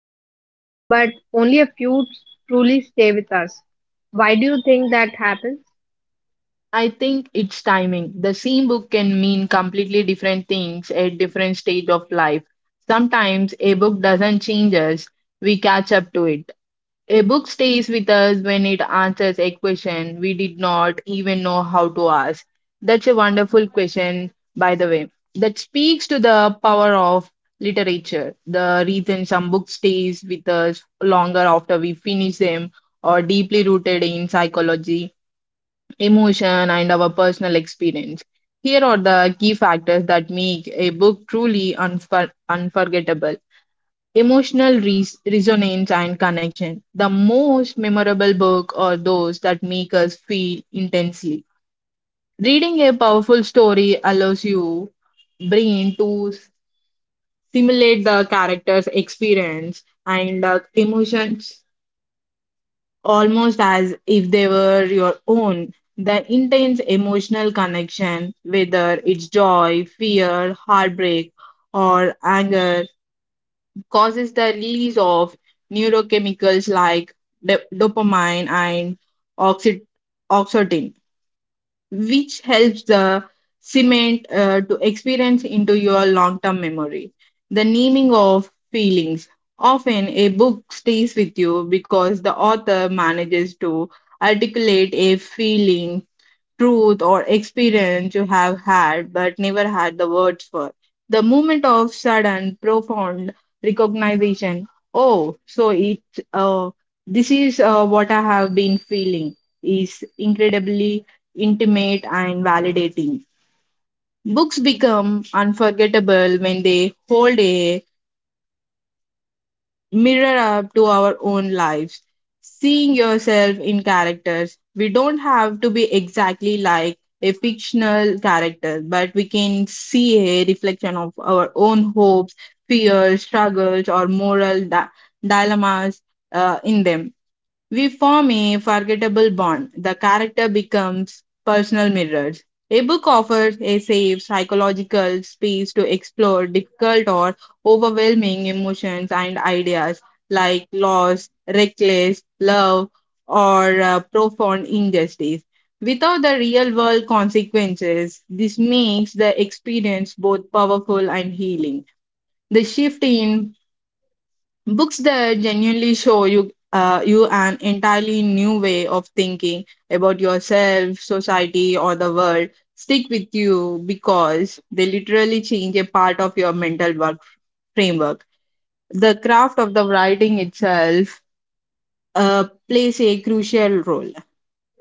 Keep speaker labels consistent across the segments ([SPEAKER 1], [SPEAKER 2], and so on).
[SPEAKER 1] lives, but only a few truly stay with us. Why do you think that happens?
[SPEAKER 2] I think it's timing. The same book can mean completely different things at different stage of life. Sometimes a book doesn't change us, we catch up to it. A book stays with us when it answers a question we did not even know how to ask. That's a wonderful question, by the way, that speaks to the power of literature. The reason some books stays with us longer after we finish them are deeply rooted in psychology, emotion, and our personal experience. Here are the key factors that make a book truly unforgettable. Emotional resonance and connection. The most memorable book are those that make us feel intensely. Reading a powerful story allows you brain to simulate the character's experience and emotions almost as if they were your own. The intense emotional connection, whether it's joy, fear, heartbreak, or anger, causes the release of neurochemicals like dopamine and oxy- oxytocin, which helps the cement to experience into your long-term memory. The naming of feelings. Often a book stays with you because the author manages to articulate a feeling truth or experience you have had but never had the words for. The moment of sudden, profound recognition. Oh, so it uh, this is what I have been feeling is incredibly intimate and validating. Books become unforgettable when they hold a mirror up to our own lives, seeing yourself in characters. We don't have to be exactly like a fictional character, but we can see a reflection of our own hopes, fears, struggles, or moral dilemmas in them. We form a forgettable bond. The character becomes personal mirrors. A book offers a safe psychological space to explore difficult or overwhelming emotions and ideas like loss, reckless love, or profound injustice. Without the real world consequences, this makes the experience both powerful and healing. The shift in books that genuinely show you an entirely new way of thinking about yourself society or the world stick with you because they literally change a part of your mental work framework. The craft of the writing itself plays a crucial role.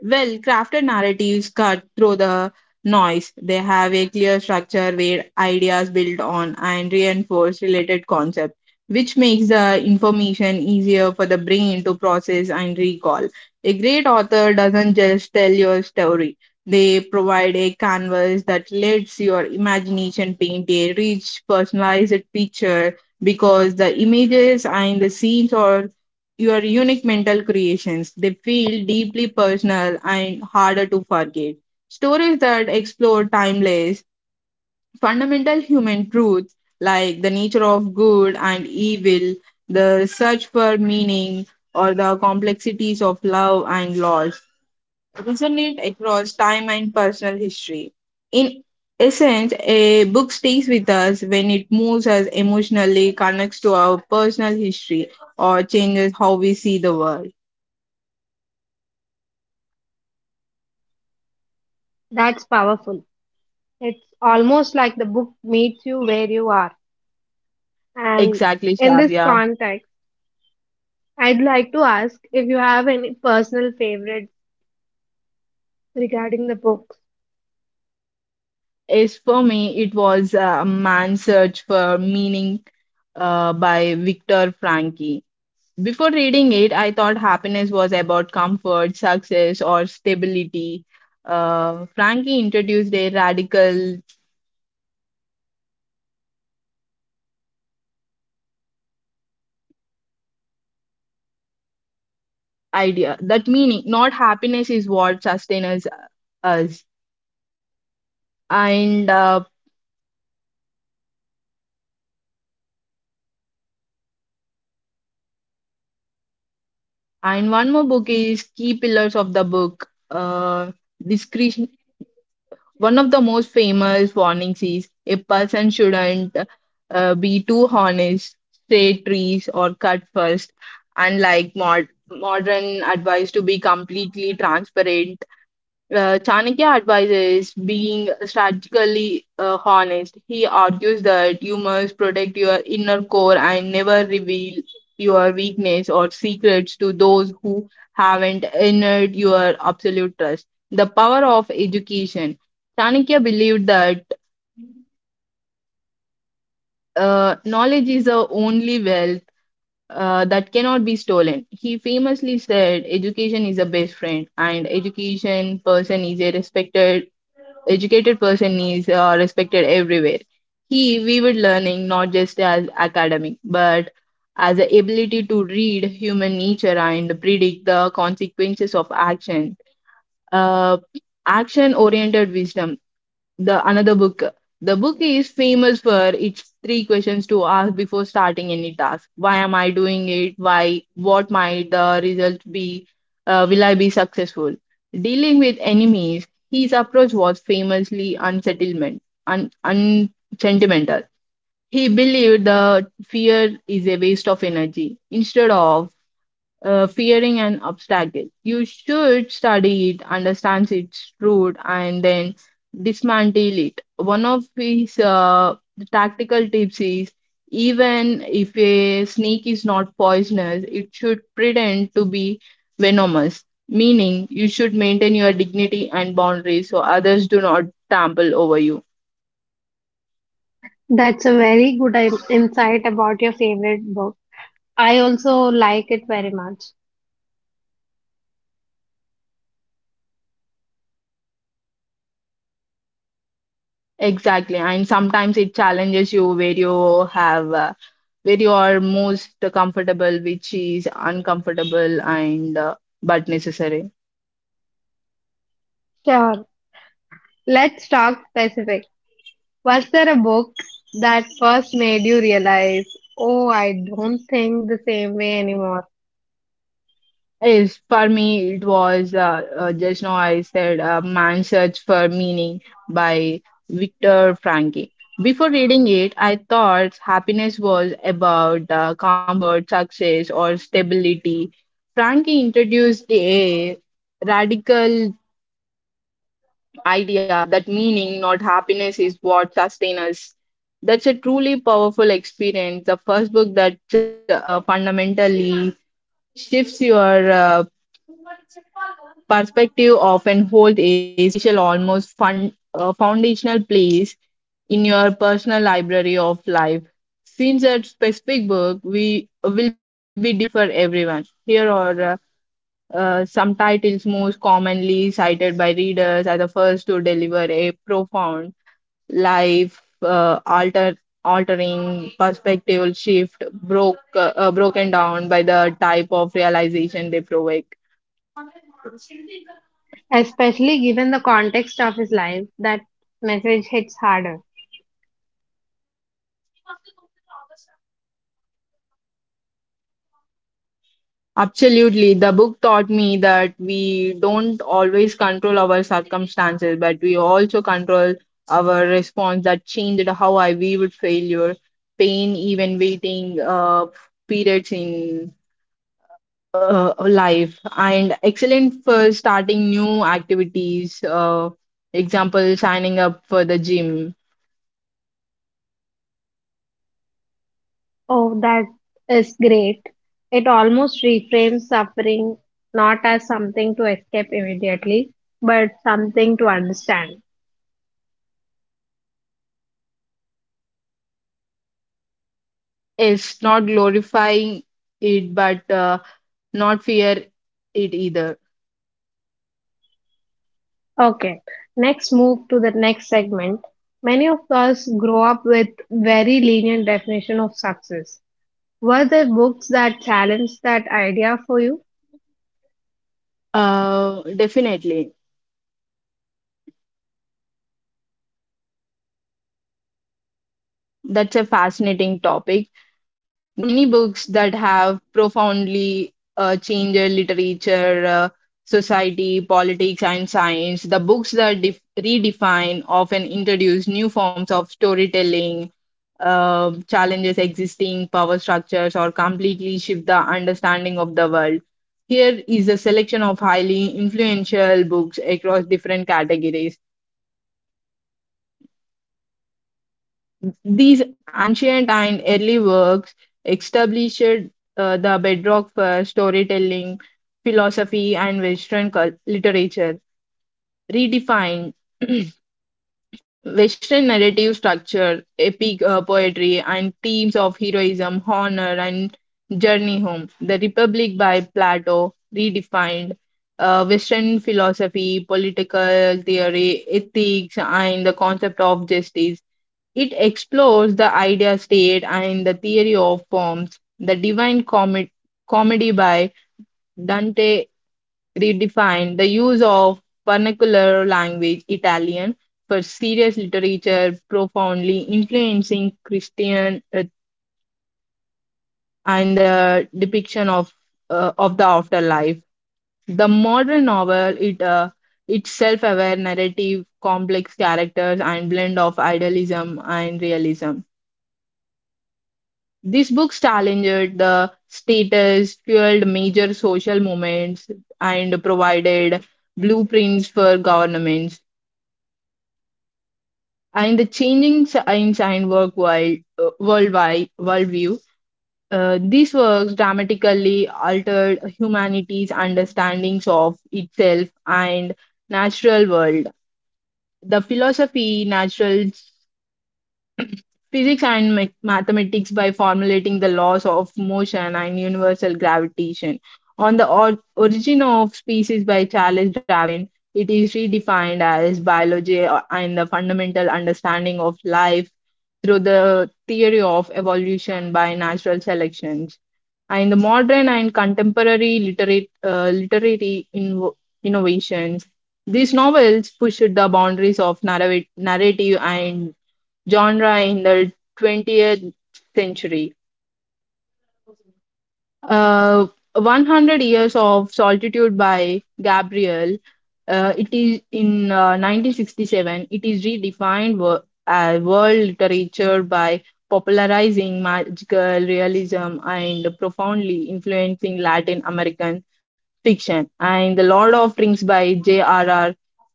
[SPEAKER 2] Well, crafted narratives cut through the noise. They have a clear structure where ideas build on and reinforce related concepts, which makes the information easier for the brain to process and recall. A great author doesn't just tell your story, they provide a canvas that lets your imagination paint a rich, personalized picture because the images and the scenes are your unique mental creations. They feel deeply personal and harder to forget. Stories that explore timeless, fundamental human truths like the nature of good and evil, the search for meaning, or the complexities of love and loss resonate across time and personal history. In essence, a book stays with us when it moves us emotionally, connects to our personal history, or changes how we see the world.
[SPEAKER 1] That's powerful. It's almost like the book meets you where you are. And
[SPEAKER 2] Exactly,
[SPEAKER 1] in this
[SPEAKER 2] Shravya.
[SPEAKER 1] context, I'd like to ask if you have any personal favorites regarding the books.
[SPEAKER 2] As for me, it was a Man's Search for Meaning by Viktor Frankl. Before reading it, I thought happiness was about comfort, success, or stability. Frankl introduced a radical idea that meaning, not happiness, is what sustains us. And uh, and one more book is Key Pillars of the Book. One of the most famous warnings is a person shouldn't be too honest, say trees or cut first. Unlike modern advice to be completely transparent, Chanakya advises being strategically honest. He argues that you must protect your inner core and never reveal your weakness or secrets to those who haven't earned your absolute trust. The power of education. Chanakya believed that knowledge is the only wealth that cannot be stolen. He famously said, "Education is a best friend, and education person is a respected educated person is respected everywhere." He viewed learning not just as academic, but as the ability to read human nature and predict the consequences of action. Uh, Action oriented wisdom, the another book. The book is famous for its three questions to ask before starting any task. Why am I doing it? Why? What might the result be? Will I be successful? Dealing with enemies, his approach was famously unsettlement, unsentimental. He believed that fear is a waste of energy. Instead of fearing an obstacle, you should study it, understand its root, and then dismantle it. One of his tactical tips is, even if a snake is not poisonous, it should pretend to be venomous, meaning you should maintain your dignity and boundaries so others do not trample over you.
[SPEAKER 1] That's a very good insight about your favorite book. I also like it very much.
[SPEAKER 2] Exactly, and sometimes it challenges you where you are most comfortable, which is uncomfortable and but necessary.
[SPEAKER 1] Sure. Let's talk specific. Was there a book that first made you realize, oh, I don't think the same way anymore?
[SPEAKER 2] Yes, for me it was just now I said "Man's Search for Meaning" by Viktor Frankl. Before reading it, I thought happiness was about comfort, success, or stability. Frankl introduced a radical idea that meaning, not happiness, is what sustains us. That's a truly powerful experience. The first book that fundamentally shifts your perspective often holds a special, almost foundational place in your personal library of life. Since that specific book, we will be different for everyone. Here are some titles most commonly cited by readers as the first to deliver a profound life altering perspective shift, broken down by the type of realization they provoke.
[SPEAKER 1] Especially given the context of his life, that message hits harder.
[SPEAKER 2] Absolutely, the book taught me that we don't always control our circumstances, but we also control our response. That changed how I viewed failure, pain, even waiting periods in life, and excellent for starting new activities, example, signing up for the gym.
[SPEAKER 1] Oh, that is great. It almost reframes suffering not as something to escape immediately, but something to understand.
[SPEAKER 2] Is not glorifying it, but not fear it either.
[SPEAKER 1] Okay, next move to the next segment. Many of us grow up with very lenient definition of success. Were there books that challenged that idea for you?
[SPEAKER 2] Definitely. That's a fascinating topic. There are many books that have profoundly changed literature, society, politics, and science. The books that redefine often introduce new forms of storytelling, challenges existing power structures, or completely shift the understanding of the world. Here is a selection of highly influential books across different categories. These ancient and early works established the bedrock for storytelling, philosophy, and Western literature, redefined Western narrative structure, epic poetry, and themes of heroism, honor, and journey home. The Republic by Plato, redefined. Western philosophy, political theory, ethics, and the concept of justice. It explores the idea state and the theory of forms. The Divine Comedy by Dante redefined the use of vernacular language Italian for serious literature, profoundly influencing Christian and the depiction of the afterlife. The modern novel, it its self-aware narrative, complex characters, and blend of idealism and realism. These books challenged the status, fueled major social movements, and provided blueprints for governments and the changing in science work world, worldwide worldview. These works dramatically altered humanity's understandings of itself and natural world. The philosophy, natural physics and mathematics by formulating the laws of motion and universal gravitation. On the origin of species by Charles Darwin, it is redefined as biology and the fundamental understanding of life through the theory of evolution by natural selections. And the modern and contemporary literary innovations, these novels pushed the boundaries of narrative and genre in the 20th century. Uh, 100 Years of Solitude by Gabriel. It is in 1967. It is redefined as world literature by popularizing magical realism and profoundly influencing Latin American fiction. And The Lord of Rings by J.R.R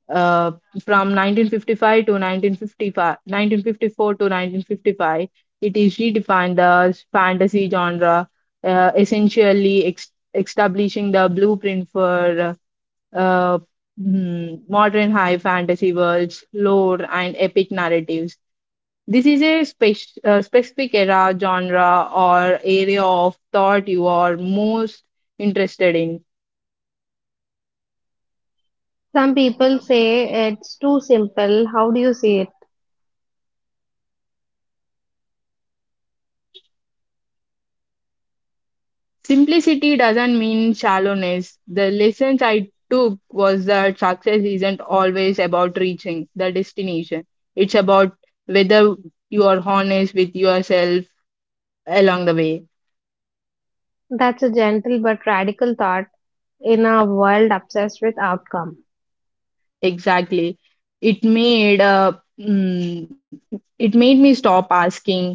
[SPEAKER 2] uh, from 1955 to 1955, 1954 to 1955, it is redefined the fantasy genre, essentially establishing the blueprint for uh, modern high fantasy worlds, lore, and epic narratives. This is a specific era, genre, or area of thought you are most interested in.
[SPEAKER 1] Some people say it's too simple. How do you see it?
[SPEAKER 2] Simplicity doesn't mean shallowness. The lessons I took was that success isn't always about reaching the destination. It's about whether you are honest with yourself along the way.
[SPEAKER 1] That's a gentle but radical thought in a world obsessed with outcome.
[SPEAKER 2] Exactly. It made a mm, it made me stop asking,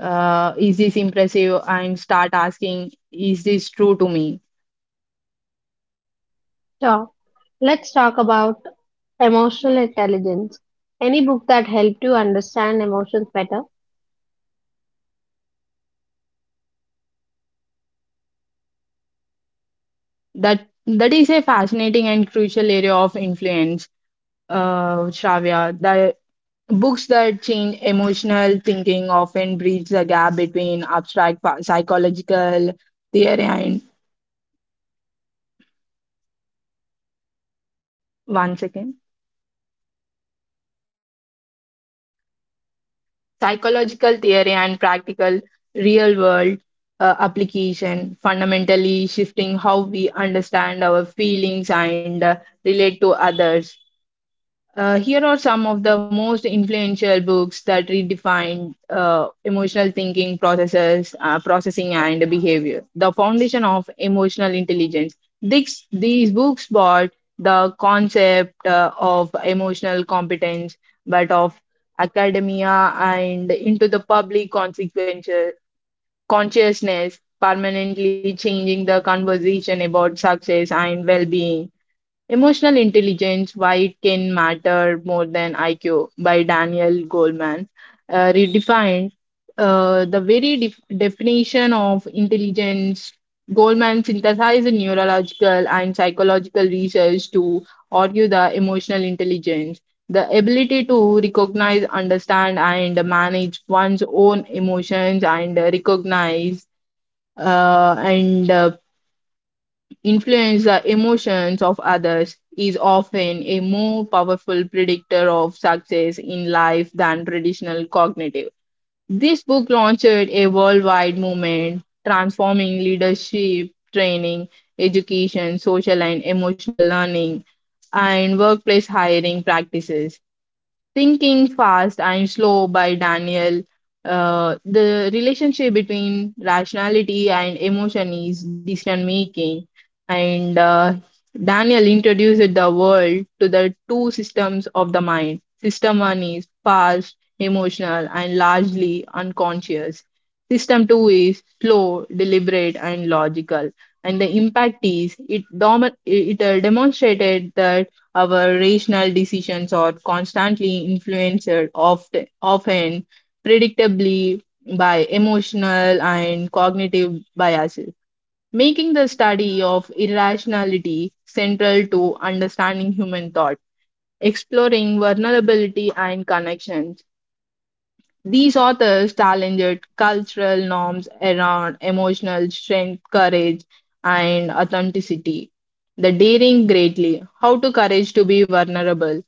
[SPEAKER 2] is this impressive, and start asking, is this true to me?
[SPEAKER 1] Sure. Let's talk about emotional intelligence. Any book that helped you understand emotions better?
[SPEAKER 2] That is a fascinating and crucial area of influence, Shravya. The books that change emotional thinking often bridge the gap between abstract psychological theory and one second psychological theory and practical real world application, fundamentally shifting how we understand our feelings and relate to others. Here are some of the most influential books that redefined emotional thinking processing, and behavior. The foundation of emotional intelligence. These books brought the concept of emotional competence, but of academia and into the public consequential consciousness, permanently changing the conversation about success and well-being. Emotional Intelligence, Why It Can Matter More Than IQ by Daniel Goleman redefined the very definition of intelligence. Goleman synthesized neurological and psychological research to argue the emotional intelligence, the ability to recognize, understand, and manage one's own emotions and recognize and influence the emotions of others is often a more powerful predictor of success in life than traditional cognitive. This book launched a worldwide movement, transforming leadership, training, education, social and emotional learning, and workplace hiring practices. Thinking Fast, I'm Slow by Daniel. The relationship between rationality and emotion is decision making. And Daniel introduced the world to the two systems of the mind. System one is fast, emotional, and largely unconscious. System two is slow, deliberate, and logical. And the impact is it demonstrated that our rational decisions are constantly influenced, often predictably, by emotional and cognitive biases, making the study of irrationality central to understanding human thought, exploring vulnerability and connections. These authors challenged cultural norms around emotional strength, courage, and authenticity. The daring greatly, how to courage to be vulnerable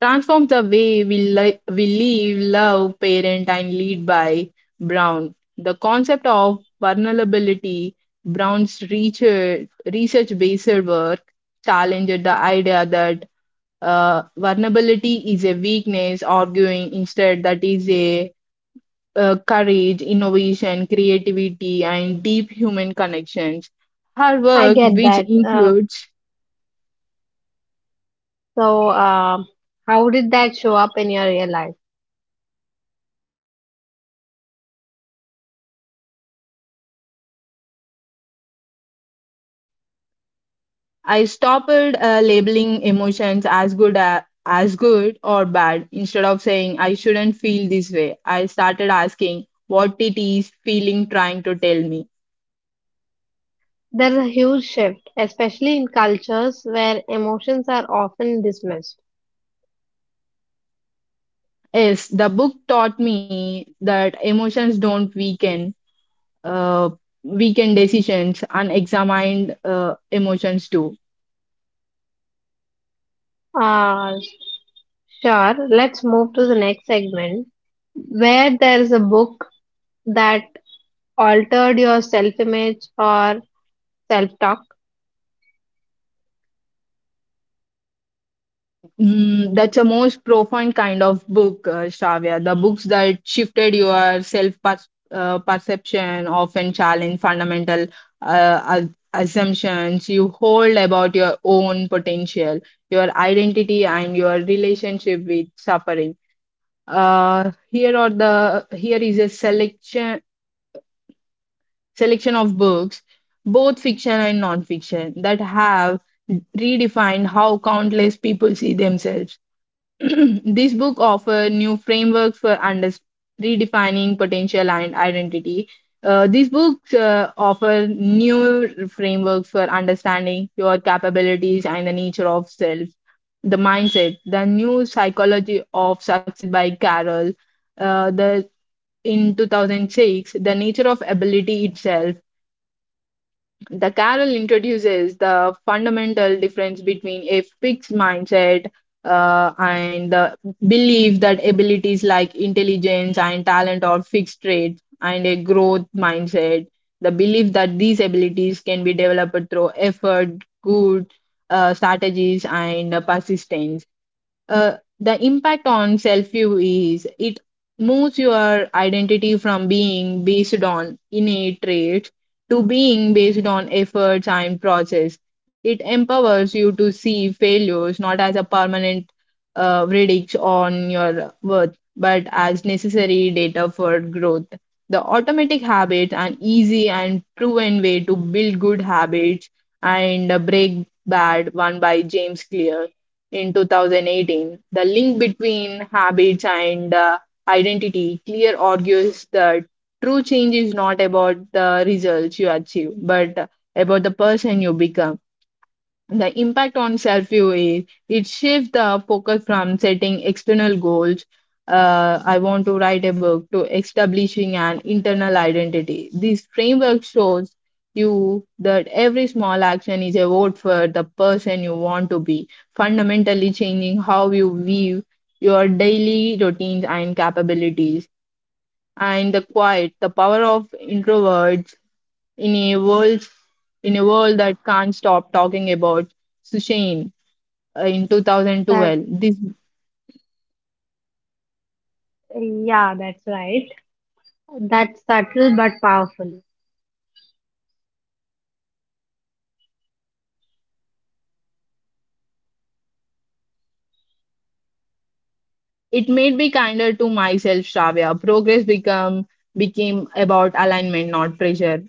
[SPEAKER 2] transforms the Way We Live, Love, Parent, and Lead by Brown. The concept of vulnerability, Brown's research based work, challenged the idea that vulnerability is a weakness, arguing instead that is a courage, innovation, creativity, and deep human connections. Her
[SPEAKER 1] I
[SPEAKER 2] work,
[SPEAKER 1] get
[SPEAKER 2] which
[SPEAKER 1] that. Uh,
[SPEAKER 2] includes
[SPEAKER 1] so, uh, how did that show up in your real life?
[SPEAKER 2] I stopped labeling emotions as good or bad. Instead of saying I shouldn't feel this way, I started asking what it is feeling trying to tell me.
[SPEAKER 1] There's a huge shift, especially in cultures where emotions are often dismissed.
[SPEAKER 2] Yes, the book taught me that emotions don't weaken uh, weaken decisions, unexamined emotions do.
[SPEAKER 1] Uh, Sure, let's move to the next segment where there is a book that altered your self image or self talk.
[SPEAKER 2] Mm, that's a most profound kind of book, Shravya. The books that shifted your perception often challenge fundamental uh, as- assumptions you hold about your own potential, your identity, and your relationship with suffering. Here are the here is a selection of books, both fiction and non-fiction, that have redefined how countless people see themselves. This book offers new frameworks for redefining potential and identity. These books offer new frameworks for understanding your capabilities and the nature of self, the mindset, the new psychology of success by Carol. The In 2006, the nature of ability itself, the Carol introduces the fundamental difference between a fixed mindset and the belief that abilities like intelligence and talent are fixed traits, and a growth mindset. The belief that these abilities can be developed through effort, good strategies, and persistence. Uh, the impact on self view is it moves your identity from being based on innate traits to being based on efforts and process. It empowers you to see failures not as a permanent verdict on your worth, but as necessary data for growth. The automatic habit, an easy and proven way to build good habits and break bad, one by James Clear in 2018. The link between habits and identity clear argues that true change is not about the results you achieve, but about the person you become. The impact on self view is it shifts the focus from setting external goals, I want to write a book, to establishing an internal identity. This framework shows you that every small action is a vote for the person you want to be, fundamentally changing how you view your daily routines and capabilities. And the quiet, the power of introverts in a world in a world that can't stop talking about Sushane in
[SPEAKER 1] That,
[SPEAKER 2] 2012. This
[SPEAKER 1] yeah, that's right. That's subtle but powerful.
[SPEAKER 2] it made me kinder to myself, Shravya. Progress become became about alignment, not pressure.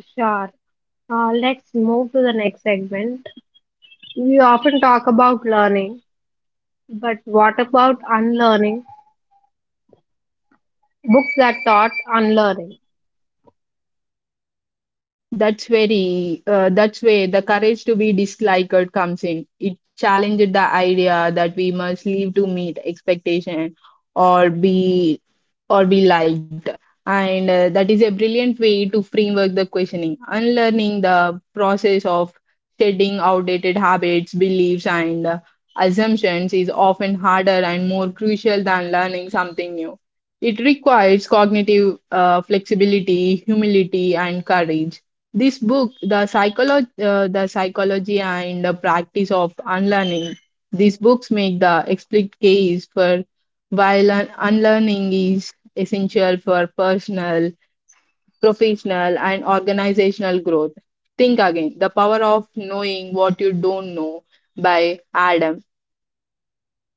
[SPEAKER 1] Sure. Let's move to the next segment. We often talk about learning, but what about unlearning? Books that taught unlearning.
[SPEAKER 2] That's very that's where the courage to be disliked comes in. It challenged the idea that we must live to meet expectation or be or be liked. And That is a brilliant way to framework the questioning, unlearning the process of shedding outdated habits, beliefs, and assumptions is often harder and more crucial than learning something new. It requires cognitive flexibility, humility, and courage. This book, the psychology and the practice of unlearning. These books make the explicit case for why unlearning is essential for personal, professional, and organizational growth. Think again. The power of knowing what you don't know by Adam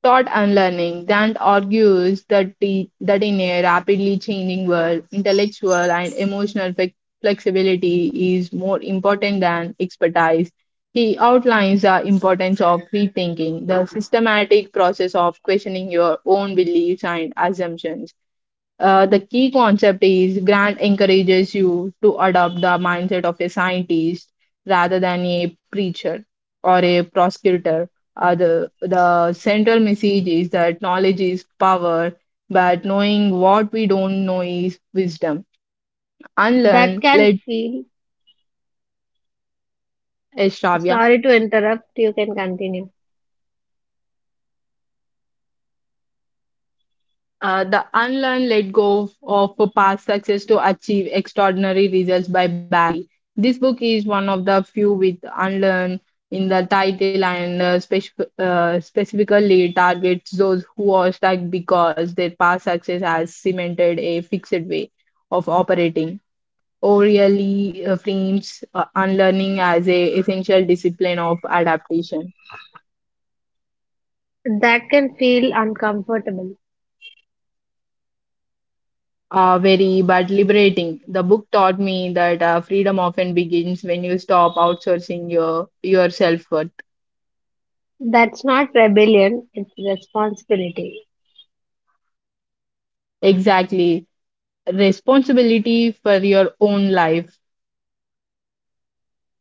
[SPEAKER 2] thought and learning. Dant argues that in a rapidly changing world, intellectual and emotional flexibility is more important than expertise. He outlines the importance of rethinking, the systematic process of questioning your own beliefs and assumptions. The key concept is Grant encourages you to adopt the mindset of a scientist rather than a preacher or a prosecutor. The central message is that knowledge is power, but knowing what we don't know is wisdom.
[SPEAKER 1] That
[SPEAKER 2] Unlearn,
[SPEAKER 1] can
[SPEAKER 2] let
[SPEAKER 1] feel,
[SPEAKER 2] Shravya.
[SPEAKER 1] sorry to interrupt, you can continue.
[SPEAKER 2] The Unlearn Let Go of Past Success to Achieve Extraordinary Results by Barry. This book is one of the few with Unlearn in the title and specifically targets those who are stuck because their past success has cemented a fixed way of operating. O'Reilly frames unlearning as a essential discipline of adaptation.
[SPEAKER 1] That can feel uncomfortable.
[SPEAKER 2] Uh, very but liberating. The book taught me that freedom often begins when you stop outsourcing your self worth.
[SPEAKER 1] That's not rebellion, it's responsibility.
[SPEAKER 2] Exactly, responsibility for your own life.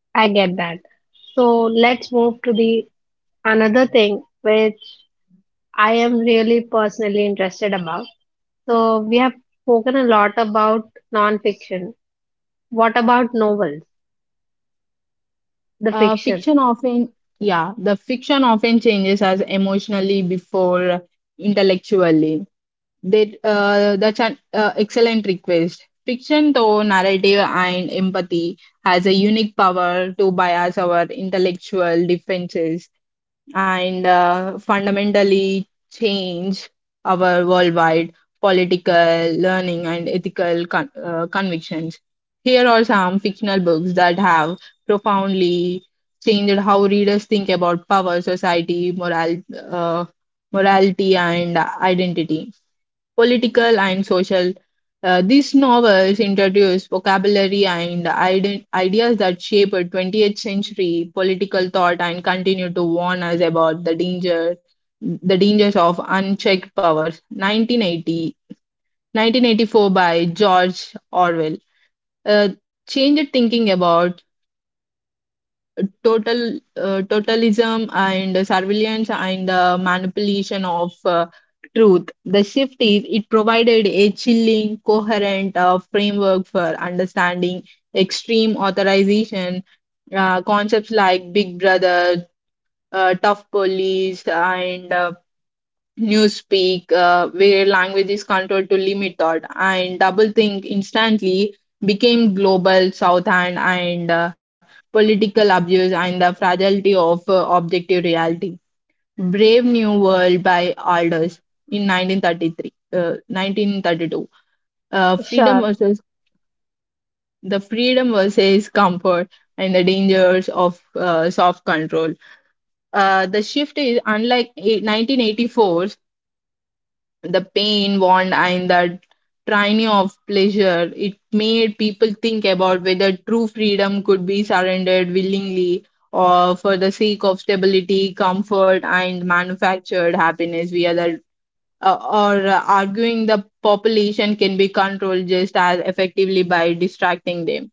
[SPEAKER 1] I get that. So let's move to the another thing which I am really personally interested about. So we have spoken a lot about non-fiction. What about novels? The
[SPEAKER 2] Uh,
[SPEAKER 1] fiction.
[SPEAKER 2] fiction often, yeah, the fiction often changes us emotionally before intellectually. That's an excellent request. Fiction, though narrative and empathy, has a unique power to bias our intellectual defenses and fundamentally change our worldwide political, learning, and ethical convictions. Here are some fictional books that have profoundly changed how readers think about power, society, uh, morality, and identity political and social. These novels introduce vocabulary and ideas that shape a 20th century political thought and continue to warn us about the dangers of unchecked powers. 1984 by George Orwell. Uh, Changed thinking about totalism and surveillance and the manipulation of truth. The shift is it provided a chilling, coherent framework for understanding extreme authorization concepts like Big Brother, tough police, and newspeak, where language is controlled to limit thought, and doublethink instantly became global south hand and political abuse, and the fragility of objective reality. Brave New World by Aldous in 1932. Freedom
[SPEAKER 1] Sure.
[SPEAKER 2] versus The freedom versus comfort and the dangers of soft control. The shift is unlike 1984, the pain, want, and that tyranny of pleasure. It made people think about whether true freedom could be surrendered willingly or for the sake of stability, comfort, and manufactured happiness via the or arguing the population can be controlled just as effectively by distracting them.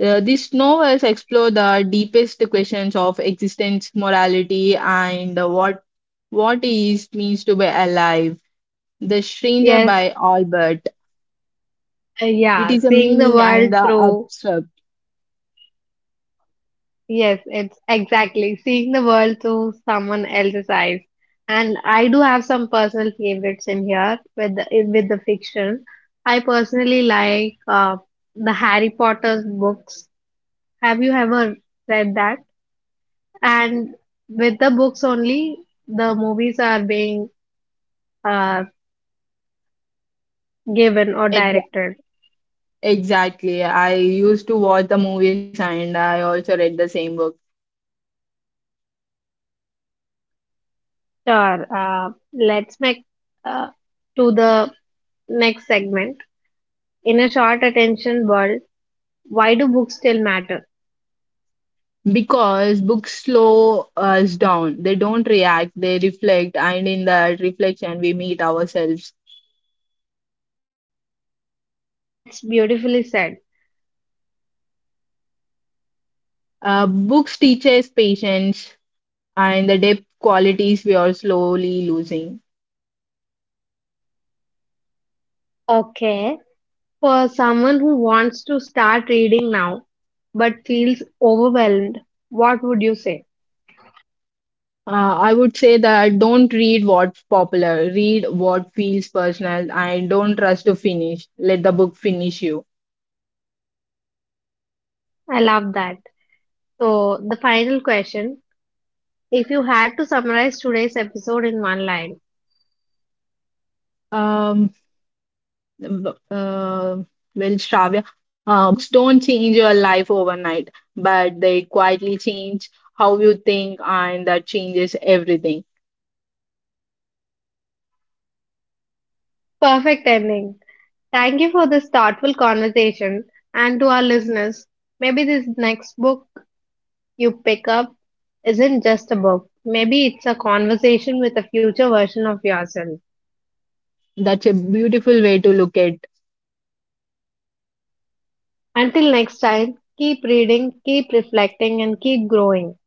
[SPEAKER 2] These novels explore the deepest questions of existence, morality, and what is means to be alive the Stranger
[SPEAKER 1] Yes.
[SPEAKER 2] by Albert. It
[SPEAKER 1] Yeah.
[SPEAKER 2] is a
[SPEAKER 1] Seeing the
[SPEAKER 2] meaning and
[SPEAKER 1] world
[SPEAKER 2] the
[SPEAKER 1] through.
[SPEAKER 2] abstract.
[SPEAKER 1] Yes, it's exactly seeing the world through someone else's eyes. And I do have some personal favorites in here with the fiction. I personally like the Harry Potter's books. Have you ever read that? And with the books only, the movies are being uh, given or
[SPEAKER 2] Ex-
[SPEAKER 1] directed.
[SPEAKER 2] exactly. I used to watch the movies and I also read the same book.
[SPEAKER 1] Sure. Let's make uh, to the next segment. In a short attention world, why do books still matter?
[SPEAKER 2] Because books slow us down. They don't react, they reflect, and in that reflection, we meet ourselves.
[SPEAKER 1] That's beautifully said.
[SPEAKER 2] Books teach us patience and the depth qualities we are slowly losing.
[SPEAKER 1] Okay. For someone who wants to start reading now but feels overwhelmed, what would you say?
[SPEAKER 2] I would say that don't read what's popular, read what feels personal, and don't rush to finish. Let the book finish you.
[SPEAKER 1] I love that. So, the final question, if you had to summarize today's episode in one line,
[SPEAKER 2] Um, b- uh, well, Shravya, books don't change your life overnight, but they quietly change how you think, and that changes everything.
[SPEAKER 1] perfect ending. Thank you for this thoughtful conversation and to our listeners. Maybe this next book you pick up isn't just a book, maybe it's a conversation with a future version of yourself.
[SPEAKER 2] That's a beautiful way to look at
[SPEAKER 1] Until next time, keep reading, keep reflecting, and keep growing.